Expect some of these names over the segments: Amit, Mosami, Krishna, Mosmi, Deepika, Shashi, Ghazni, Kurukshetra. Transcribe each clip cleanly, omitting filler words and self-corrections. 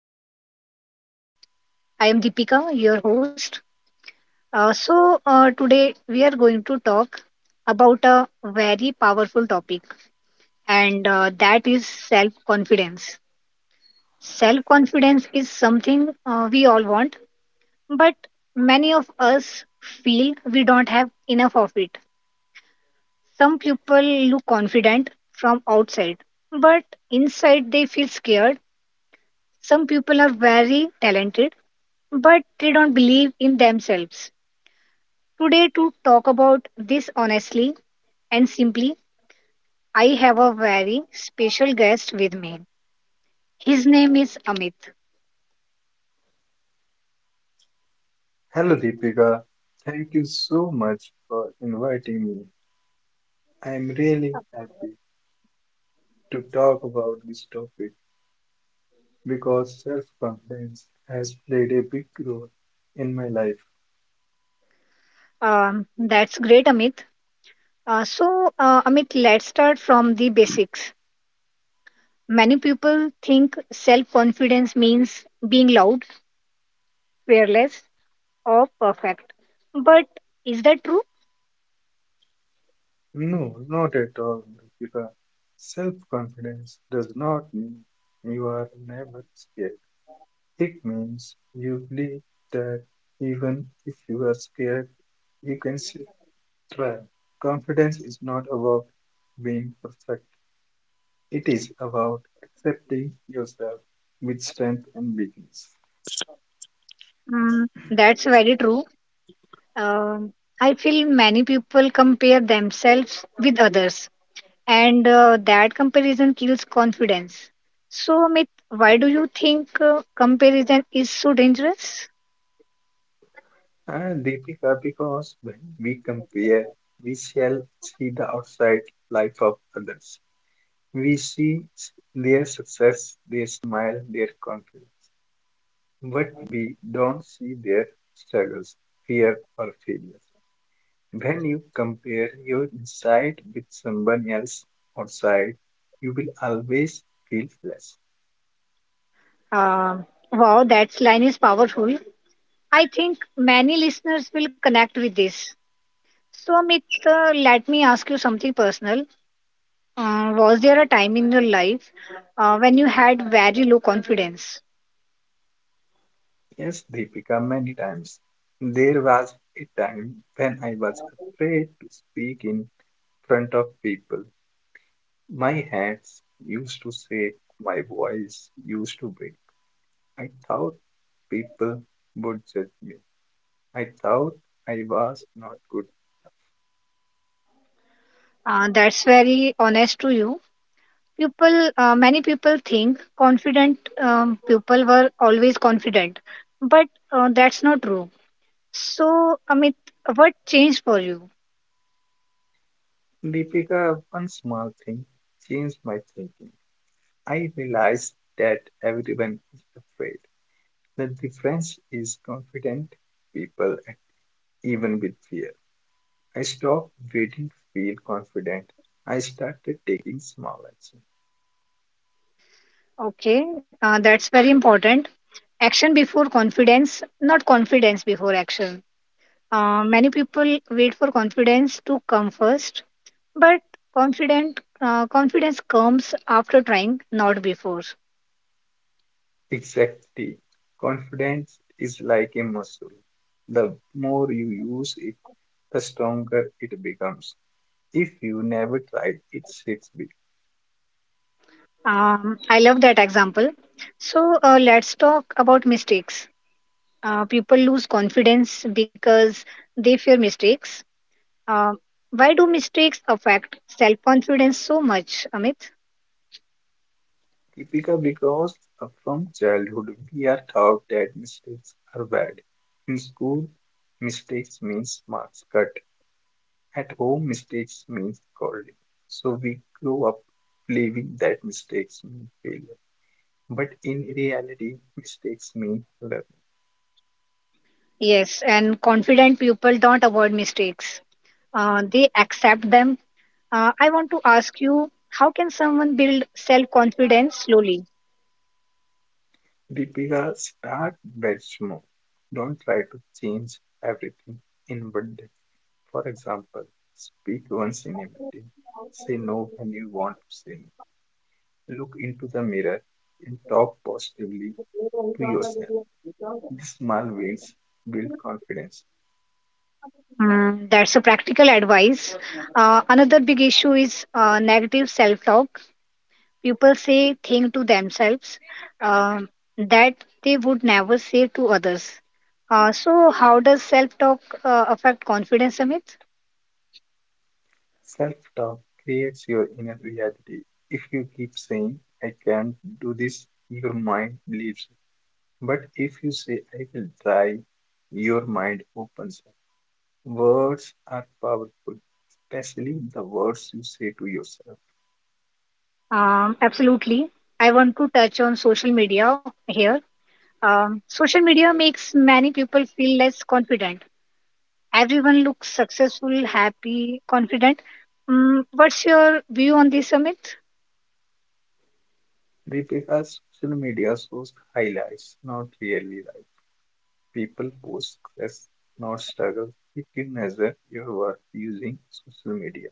Welcome to our podcast. I am Deepika, your host. Uh, so, today we are going to talk about a very powerful topic, and that is self confidence. Self confidence is something we all want, but many of us feel we don't have enough of it. Some people look confident from outside, but inside they feel scared. Some people are very talented but they don't believe in themselves. Today, to talk about this honestly and simply, I have a very special guest with me. His name is Amit. Hello Deepika, thank you so much for inviting me. I am really happy to talk about this topic because self-confidence has played a big role in my life. That's great, Amit. Amit, let's start from the basics. Many people think self confidence means being loud, fearless, or perfect. But is that true? No, not at all, Deepika. Self-confidence does not mean you are never scared. It means you believe that even if you are scared, you can still try. Confidence is not about being perfect. It is about accepting yourself with strength and weakness. Mm, that's very true. Um I feel many people compare themselves with others, and that comparison kills confidence. So, Amit, why do you think comparison is so dangerous? And Deepika, because when we compare, we shall see the outside life of others. We see their success, their smile, their confidence. But we don't see their struggles, fear, or failures. When you compare your inside with someone else's outside, you will always feel less. Uh, wow, that line is powerful. I think many listeners will connect with this. So, Amit, let me ask you something personal. Was there a time in your life when you had very low confidence? Yes, Deepika, many times. There was a time when I was afraid to speak in front of people. My hands used to shake, my voice used to break. I thought people would judge me. I thought I was not good. That's very honest to you. People many people think confident people were always confident but that's not true. So, Amit, what changed for you? Deepika, one small thing changed my thinking. I realized that everyone is afraid. The difference is confident people, even with fear. I stopped waiting to feel confident. I started taking small action. Okay, that's very important. Action before confidence, not confidence before action. Many people wait for confidence to come first, but confident confidence comes after trying, not before. Exactly. Confidence is like a muscle. The more you use it, the stronger it becomes. If you never tried it, it's big. I love that example. So, let's talk about mistakes. People lose confidence because they fear mistakes. Uh, why do mistakes affect self confidence so much, Amit? Because from childhood we are taught that mistakes are bad. In school, mistakes means marks cut. At home, mistakes means scolding. So we grow up believing that mistakes mean failure. But in reality, mistakes mean learn. Yes, and confident people don't avoid mistakes, they accept them. I want to ask you how can someone build self confidence slowly? Deepika, start very small. Don't try to change everything in one day. For example, speak once in a meeting. Say no when you want to say no. Look into the mirror and talk positively to yourself. These small wins build confidence. Mm, that's a practical advice. Another big issue is negative self talk. People say things to themselves uh, that they would never say to others. So, how does self talk affect confidence, Amit? Self-talk creates your inner reality. If you keep saying, I can't do this, your mind believes. But if you say, I will try, your mind opens up. Words are powerful, especially the words you say to yourself. Absolutely. I want to touch on social media here. Social media makes many people feel less confident. Everyone looks successful, happy, confident. Mm, what's your view on this, Amit? Deepika, social media shows highlights, not really life. People post success, not struggle. If you measure your worth using social media,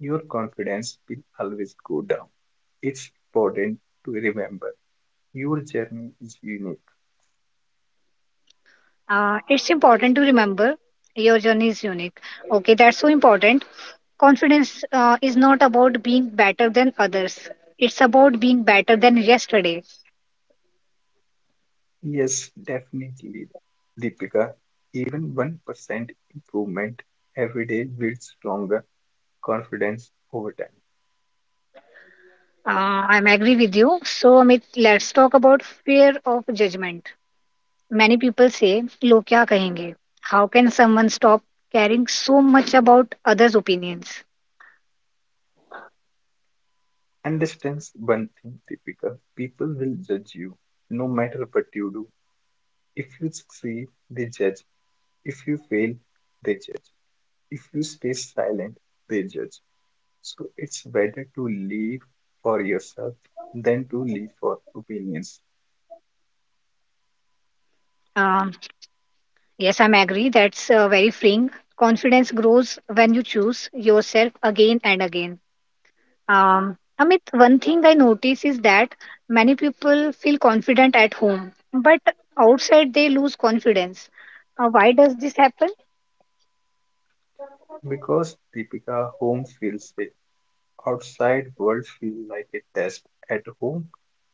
your confidence will always go down. It's important to remember your journey is unique. It's important to remember your journey is unique. Okay, that's so important. Confidence is not about being better than others. It's about being better than yesterday. Yes, definitely, Deepika. Even 1% improvement every day builds stronger confidence over time. I'm agree with you. So Amit, let's talk about fear of judgment. Many people say, "Log kya kahenge?" How can someone stop caring so much about others' opinions? Understand one thing, Deepika. People will judge you no matter what you do. If you succeed, they judge. If you fail, they judge. If you stay silent, they judge. So it's better to live for yourself than to live for opinions. Um, yes, I'm agree. That's very freeing. Confidence grows when you choose yourself again and again. Amit, one thing I notice is that many people feel confident at home, but outside they lose confidence. Why does this happen? Because, Deepika, home feels safe. Outside world feel like a test. At home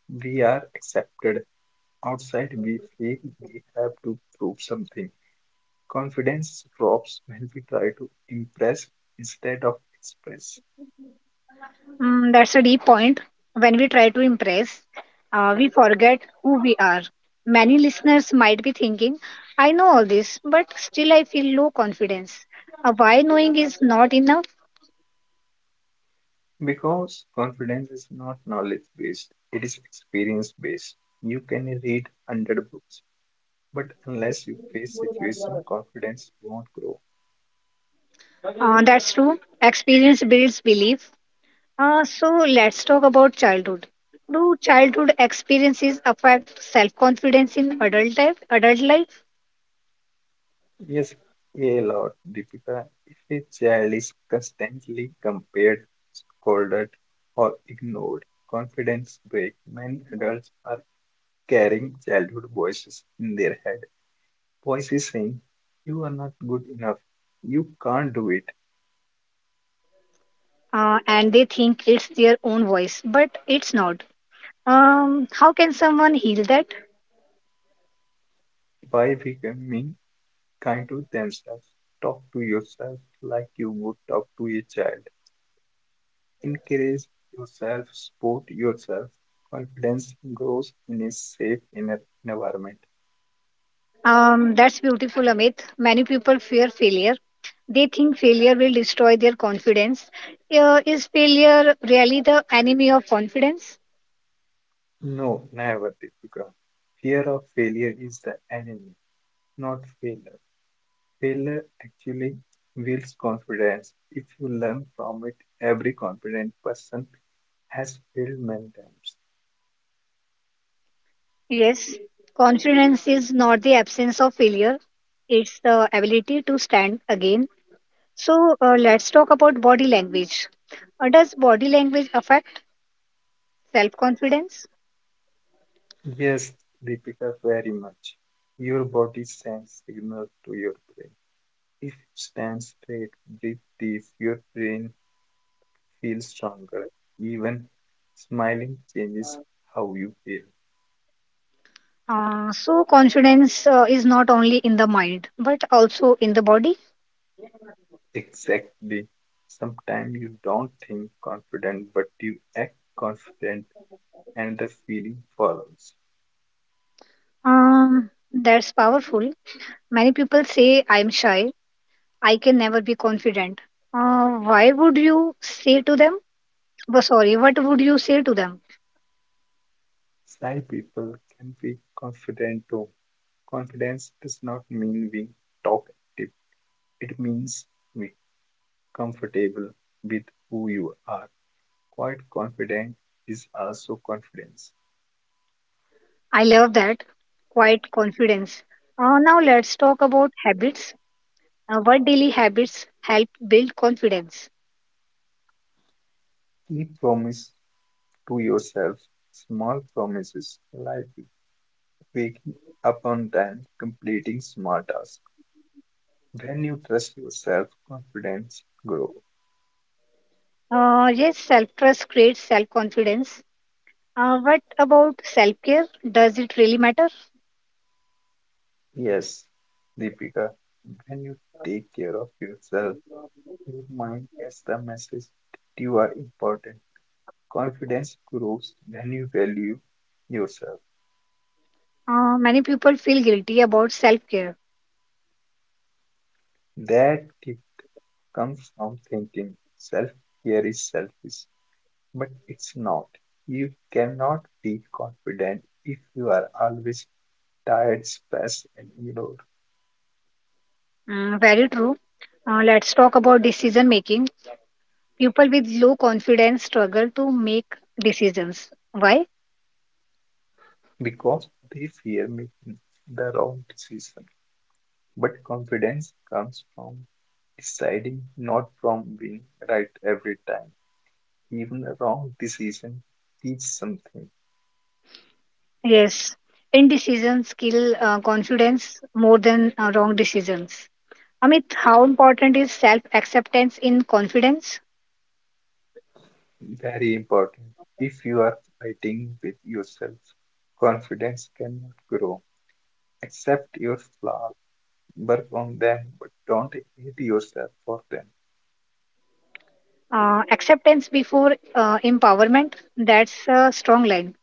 we are accepted. Outside we feel we have to prove something. Confidence drops when we try to impress instead of express. Mm, that's a deep point. When we try to impress, we forget who we are. Many listeners might be thinking, I know all this, but still I feel low confidence. Why knowing is not enough? Because confidence is not knowledge based, it is experience based. You can read 100 books, but unless you face situation, confidence won't grow. That's true. Experience builds belief. So let's talk about childhood. Do childhood experiences affect self-confidence in adult life? Adult life, Yes, a lot. Deepika, if a child is constantly compared, scolded, or ignored, confidence breaks. Many adults are carrying childhood voices in their head. Voices saying, you are not good enough. You can't do it. And they think it's their own voice, but it's not. How can someone heal that? By becoming kind to themselves, talk to yourself like you would talk to a child. Encourage yourself, support yourself. Confidence grows in a safe inner environment. That's beautiful, Amit. Many people fear failure. They think failure will destroy their confidence. Is failure really the enemy of confidence? No, never, Deepika. Fear of failure is the enemy, not failure. Failure actually builds confidence. If you learn from it, every confident person has failed many times. Yes, confidence is not the absence of failure. It's the ability to stand again. So let's talk about body language. Does body language affect self confidence? Yes, Deepika, very much. Your body sends signals to your brain. If you stand straight, breathe deep, your brain feels stronger. Even smiling changes how you feel. So confidence is not only in the mind but also in the body. Exactly. Sometimes you don't think confident, but you act confident, and the feeling follows. That's powerful. Many people say, "I'm shy. I can never be confident." Why would you say to them? Oh, sorry, What would you say to them? Shy people can be confident too. Confidence does not mean being talkative, it means being comfortable with who you are. Quite confident is also confidence. I love that quiet confidence. Now let's talk about habits. What daily habits help build confidence? Keep promise to yourself, small promises, like waking up on time, completing small tasks. When you trust yourself, confidence grows. Yes, self trust creates self confidence. What about self care? Does it really matter? Yes, Deepika, when you take care of yourself, your mind gets the message that you are important. Confidence grows when you value yourself. Many people feel guilty about self care. That tip comes from thinking self care is selfish, but it's not. You cannot be confident if you are always tired, stressed, and ignored. Very true. Let's talk about decision making. People with low confidence struggle to make decisions. Why? Because they fear making the wrong decision. But confidence comes from deciding, not from being right every time. Even a wrong decision teaches something. Yes, indecisions kill confidence more than wrong decisions. Amit, how important is self acceptance in confidence? Very important. If you are fighting with yourself, confidence cannot grow. Accept your flaws, work on them, but don't hate yourself for them. Acceptance before empowerment, that's a strong line.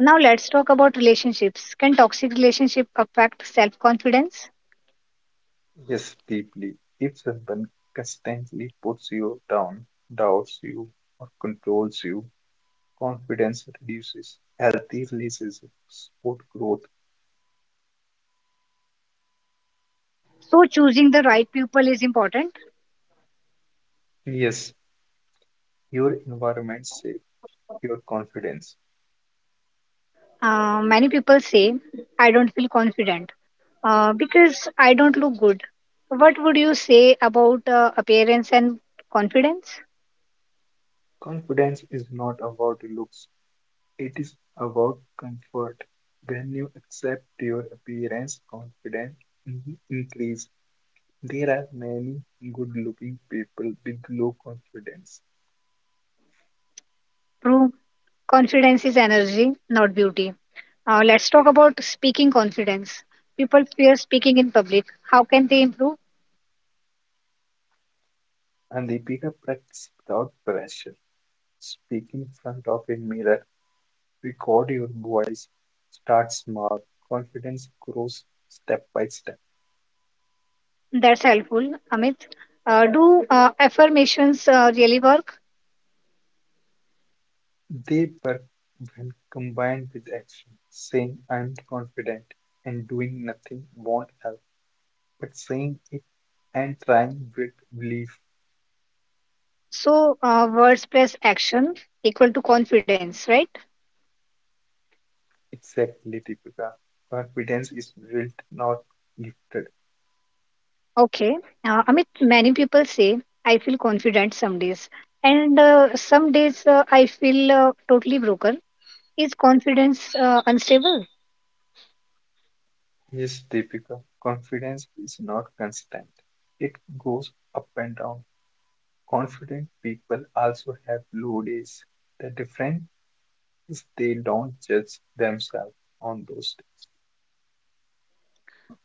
Now let's talk about relationships. Can toxic relationship affect self-confidence? Yes, deeply. If someone constantly puts you down, doubts you, or controls you, confidence reduces. Healthy releases support growth. So choosing the right people is important. Yes, your environment shapes your confidence. Many people say, I don't feel confident because I don't look good. What would you say about appearance and confidence? Confidence is not about looks, it is about comfort. When you accept your appearance, confidence increase. There are many good looking people with low confidence, True, confidence is energy, not beauty. Let's talk about speaking confidence. People fear speaking in public. How can they improve? and they pick up practice without pressure. Speak in front of a mirror. Record your voice, start small, confidence grows step by step. That's helpful, Amit. Do affirmations really work? They work when combined with action. Saying I'm confident and doing nothing won't help, but saying it and trying with belief. So, words plus action equal to confidence, right? Exactly, Deepika. Confidence is built, not gifted. Okay. Amit, many people say, I feel confident some days, and some days I feel totally broken. Is confidence unstable? Yes, Deepika, confidence is not constant. It goes up and down. Confident people also have low days. The difference: they don't judge themselves on those days.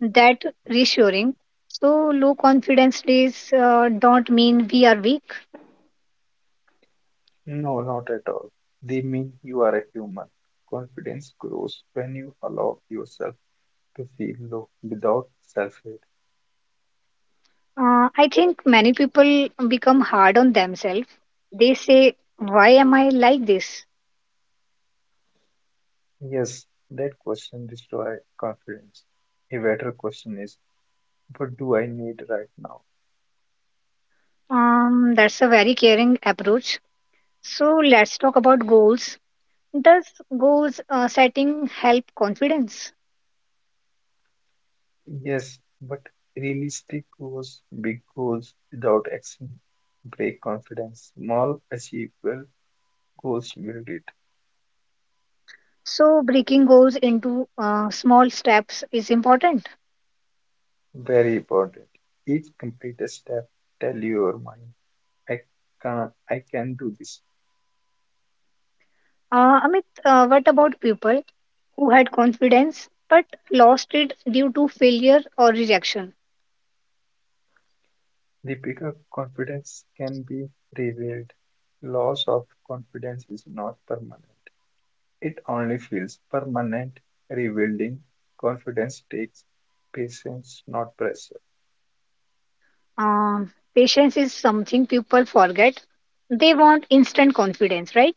That reassuring. So, low confidence days don't mean we are weak. No, not at all. They mean you are a human. Confidence grows when you allow yourself to feel low without self hate. I think many people become hard on themselves. They say, Why am I like this? Yes, that question destroys confidence. A better question is, what do I need right now? That's a very caring approach. So let's talk about goals. Does goals setting help confidence? Yes, but realistic goals. Big goals without action break confidence. Small, achievable goals build it. So breaking goals into small steps is important. Very important. Each completed step tell your mind, I I can do this. Amit, what about people who had confidence but lost it due to failure or rejection? The bigger confidence can be revealed. Loss of confidence is not permanent. It only feels permanent. Rebuilding confidence takes patience, not pressure. Patience is something people forget. They want instant confidence, right?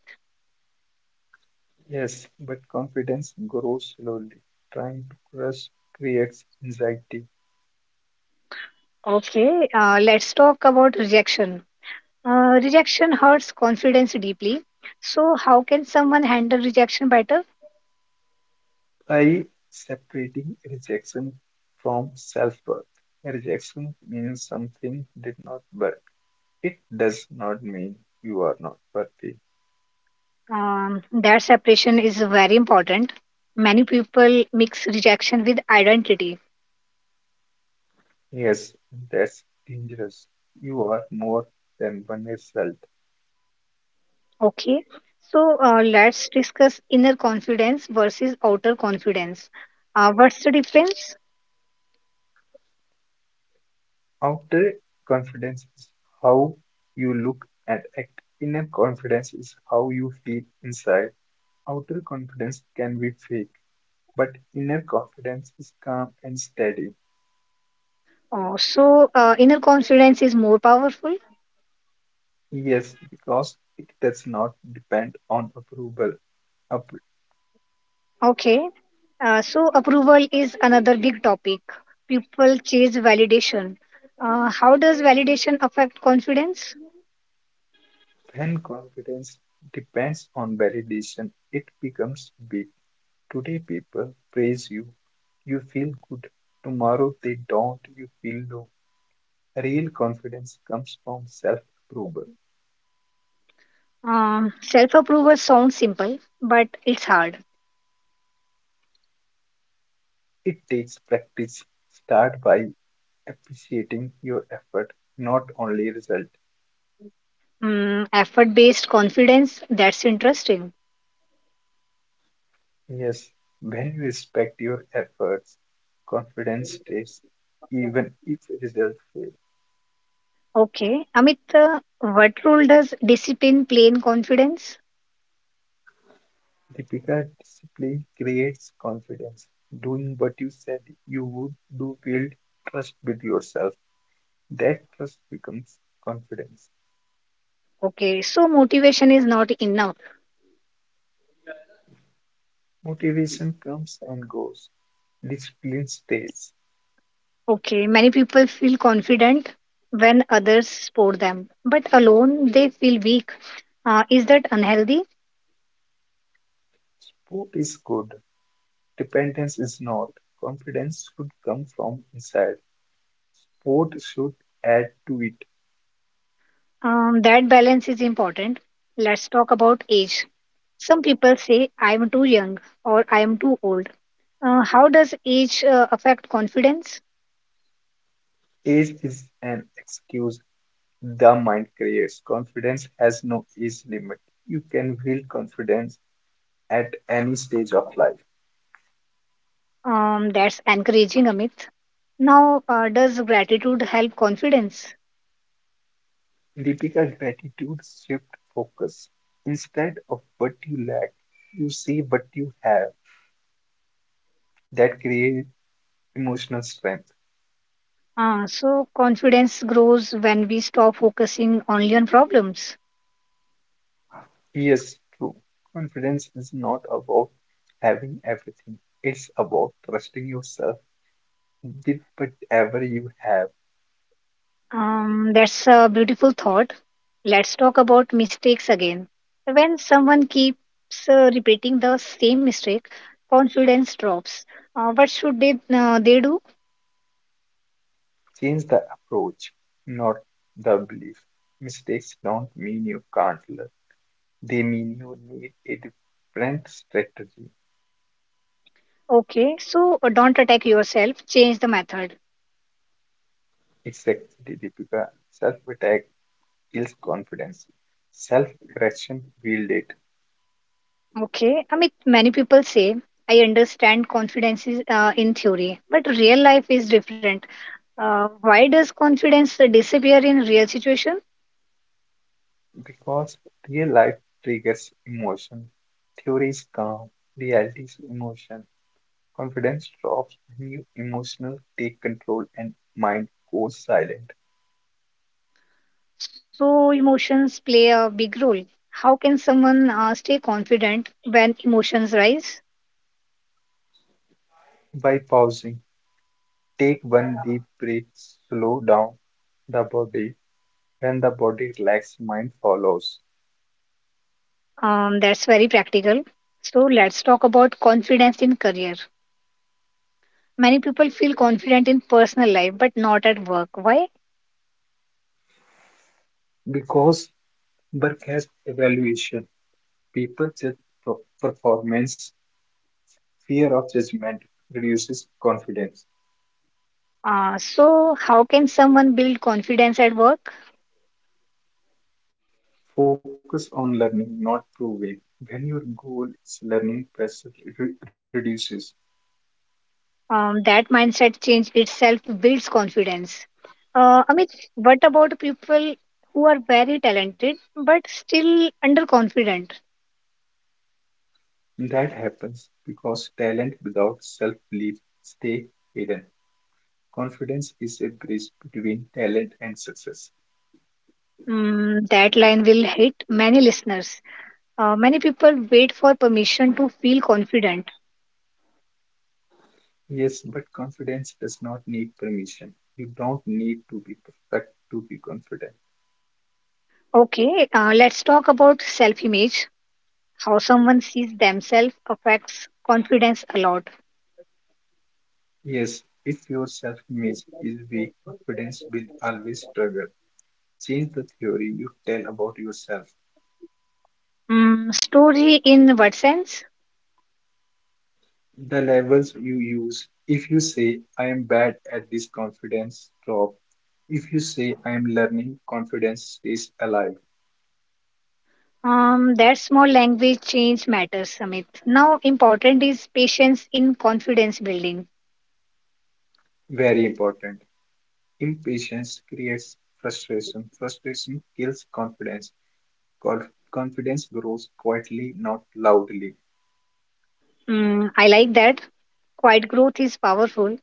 Yes, but confidence grows slowly. Trying to trust creates anxiety. Okay, let's talk about rejection. Rejection hurts confidence deeply. So, how can someone handle rejection better? By separating rejection from self-worth. Rejection means something did not work. It does not mean you are not worthy. That separation is very important. Many people mix rejection with identity. Yes, that's dangerous. You are more than one result. Okay, so let's discuss inner confidence versus outer confidence. What's the difference? Outer confidence is how you look and act. Inner confidence is how you feel inside. Outer confidence can be fake, but inner confidence is calm and steady. Oh, so, inner confidence is more powerful. Yes, because it does not depend on approval. Up- Okay. So approval is another big topic. People chase validation. How does validation affect confidence? When confidence depends on validation, it becomes big. Today, people praise you. You feel good. Tomorrow, they don't. You feel low. Real confidence comes from self-approval. Self approval sounds simple, but it's hard. It takes practice. Start by appreciating your effort, not only result. Mm, effort based confidence, that's interesting. Yes, when you respect your efforts, confidence stays even if results fail. Okay. Amit, what role does discipline play in confidence? Deepika, discipline creates confidence. Doing what you said you would do build trust with yourself. That trust becomes confidence. Okay. So motivation is not enough. Motivation comes and goes. Discipline stays. Okay, many people feel confident when others support them, but alone they feel weak. Is that unhealthy? Sport is good. Dependence is not. Confidence should come from inside. Sport should add to it. That balance is important. Let's talk about age. Some people say, I am too young or I am too old. How does age affect confidence? Age is an excuse. The mind creates. Confidence has no age limit. You can build confidence at any stage of life. That's encouraging, Amit. Now, does gratitude help confidence? Deepika, gratitude shift focus. Instead of what you lack, you see what you have. That creates emotional strength. So, confidence grows when we stop focusing only on problems. Yes, true. Confidence is not about having everything. It's about trusting yourself with whatever you have. That's a beautiful thought. Let's talk about mistakes again. When someone keeps repeating the same mistake, confidence drops. What should they do? Change the approach, not the belief. Mistakes don't mean you can't learn. They mean you need a different strategy. Okay, so don't attack yourself. Change the method. It's actually difficult. Self-attack kills confidence. Self-aggression builds it. Okay, I mean many people say I understand confidence is in theory, but real life is different. Why does confidence disappear in real situations? Because real life triggers emotion. Theory is calm, reality is emotion. Confidence drops when you emotional take control and mind goes silent. So, emotions play a big role. How can someone stay confident when emotions rise? By pausing, take one deep breath, slow down the body. When the body relaxes, mind follows. That's very practical. So, let's talk about confidence in career. Many people feel confident in personal life but not at work. Why? Because work based evaluation: people judge performance; fear of judgment reduces confidence; So, how can someone build confidence at work? focus on learning, not proving. When your goal is learning, pressure reduces. That mindset change itself builds confidence. Amit, what about people who are very talented but still underconfident? That happens because talent without self-belief stay hidden. Confidence is a bridge between talent and success. Mm, that line will hit many listeners. Many people wait for permission to feel confident. Yes, but confidence does not need permission. You don't need to be perfect to be confident. Okay, let's talk about self image. How someone sees themselves affects confidence a lot. Yes, if your self-image is weak, confidence will always struggle. Change the theory you tell about yourself, Mm, story in what sense? the labels you use. If you say, I am bad at this, confidence drop. If you say, I am learning, confidence stays alive. That small language change matters, Amit. Now, important is patience in confidence building. Very important. Impatience creates frustration. Frustration kills confidence. Confidence grows quietly, not loudly. Mm, I like that. Quiet growth is powerful.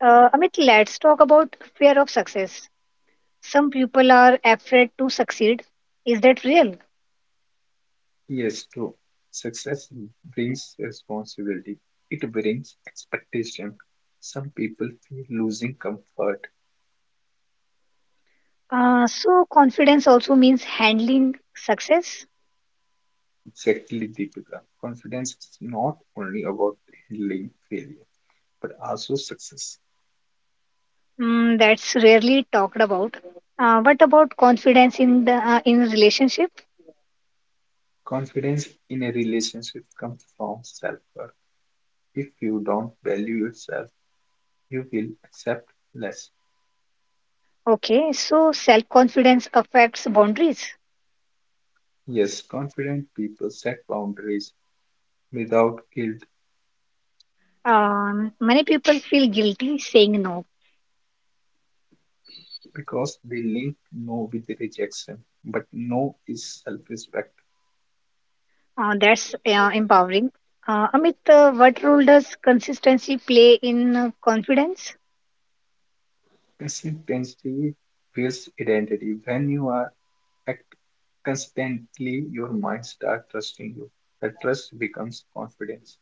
Amit, let's talk about fear of success. Some people are afraid to succeed. Is that real? Yes, true. Success brings responsibility. It brings expectation. Some people feel losing comfort. So, confidence also means handling success. Exactly, Deepika. Confidence is not only about handling failure, but also success. Mm, that's rarely talked about. What about confidence in the in relationship? Confidence in a relationship comes from self-worth. If you don't value yourself, you will accept less. Okay, so self confidence affects boundaries. Yes, confident people set boundaries without guilt. Many people feel guilty saying no. Because they link no with rejection, but no is self respect. That's empowering. Amit, what role does consistency play in confidence? Consistency builds identity. When you are act constantly, your mind starts trusting you. The trust becomes confidence.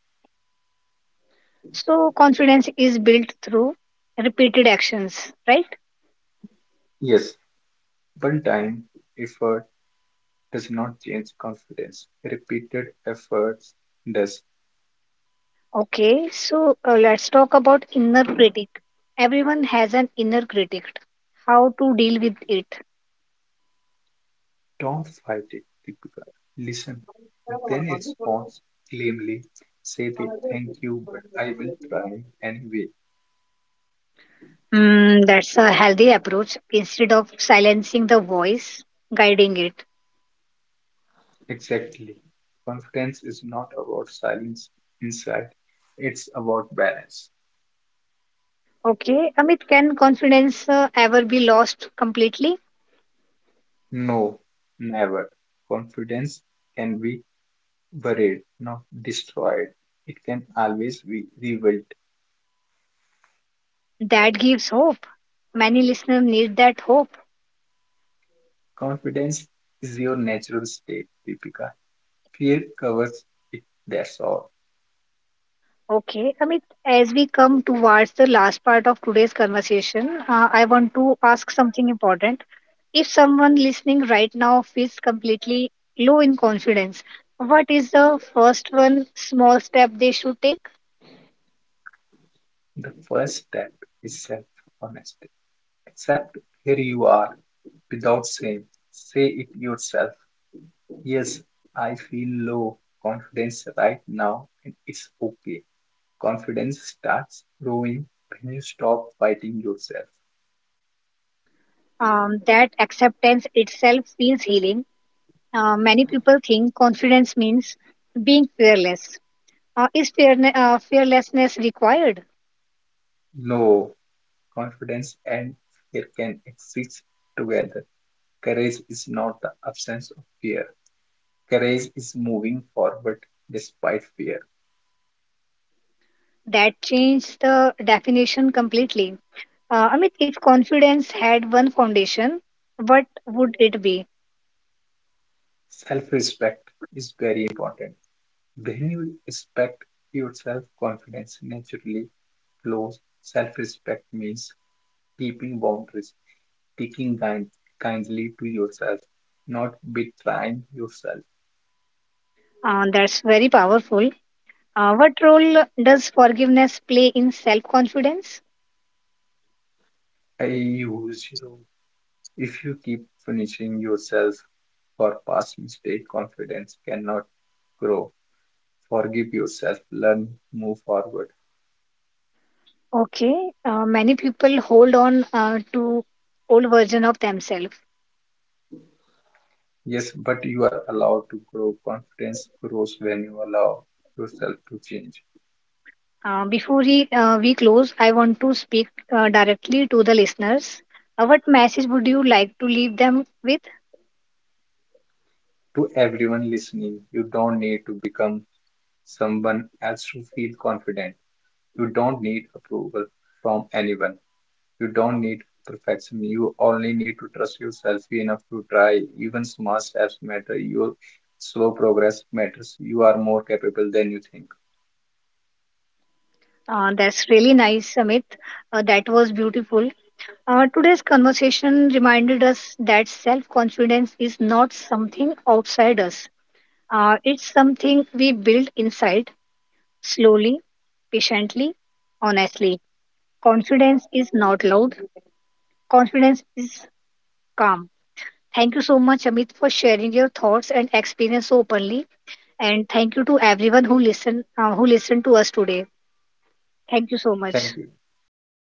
So confidence is built through repeated actions, right? Yes, one time effort does not change confidence. Repeated efforts does. Okay, so let's talk about inner critic. Everyone has an inner critic. How to deal with it? Don't fight it, Deepika. Listen, then respond calmly. Say the thank you, but I will try anyway. Mm, that's a healthy approach. Instead of silencing the voice, guiding it. Exactly. Confidence is not about silence inside, it's about balance. Okay, Amit, can confidence ever be lost completely? No, never. Confidence can be buried, not destroyed. It can always be rebuilt. That gives hope. Many listeners need that hope. Confidence is your natural state, Deepika. Fear covers it, that's all. Okay, Amit, as we come towards the last part of today's conversation, I want to ask something important. If someone listening right now feels completely low in confidence, what is the first one small step they should take? The first step is self honesty. Accept where you are without shame. Say it yourself. Yes, I feel low confidence right now, and it's okay. Confidence starts growing when you stop fighting yourself. That acceptance itself feels healing. Many people think confidence means being fearless. Is fearlessness required? No, confidence and fear can exist together. Courage is not the absence of fear, courage is moving forward despite fear. That changed the definition completely. I mean, if confidence had one foundation, what would it be? Self respect is very important. When you respect yourself, confidence naturally flows. Self respect means keeping boundaries. Speaking kindly to yourself, not betraying yourself. That's very powerful. What role does forgiveness play in self confidence? I use you. If you keep punishing yourself for past mistake, confidence cannot grow. Forgive yourself, learn, move forward. Okay, many people hold on to old version of themselves. Yes, but you are allowed to grow. Confidence grows when you allow yourself to change. Before we close, I want to speak directly to the listeners. What message would you like to leave them with? To everyone listening, you don't need to become someone else to feel confident. You don't need approval from anyone. You don't need perfection. You only need to trust yourself enough to try. Even small steps matter. Your slow progress matters. You are more capable than you think. That's really nice, Amit. That was beautiful. Today's conversation reminded us that self confidence is not something outside us, it's something we build inside slowly, patiently, honestly. Confidence is not loud, confidence is calm. Thank you so much, Amit, for sharing your thoughts and experience so openly. And thank you to everyone who listened to us today. Thank you so Thank much. you. Thank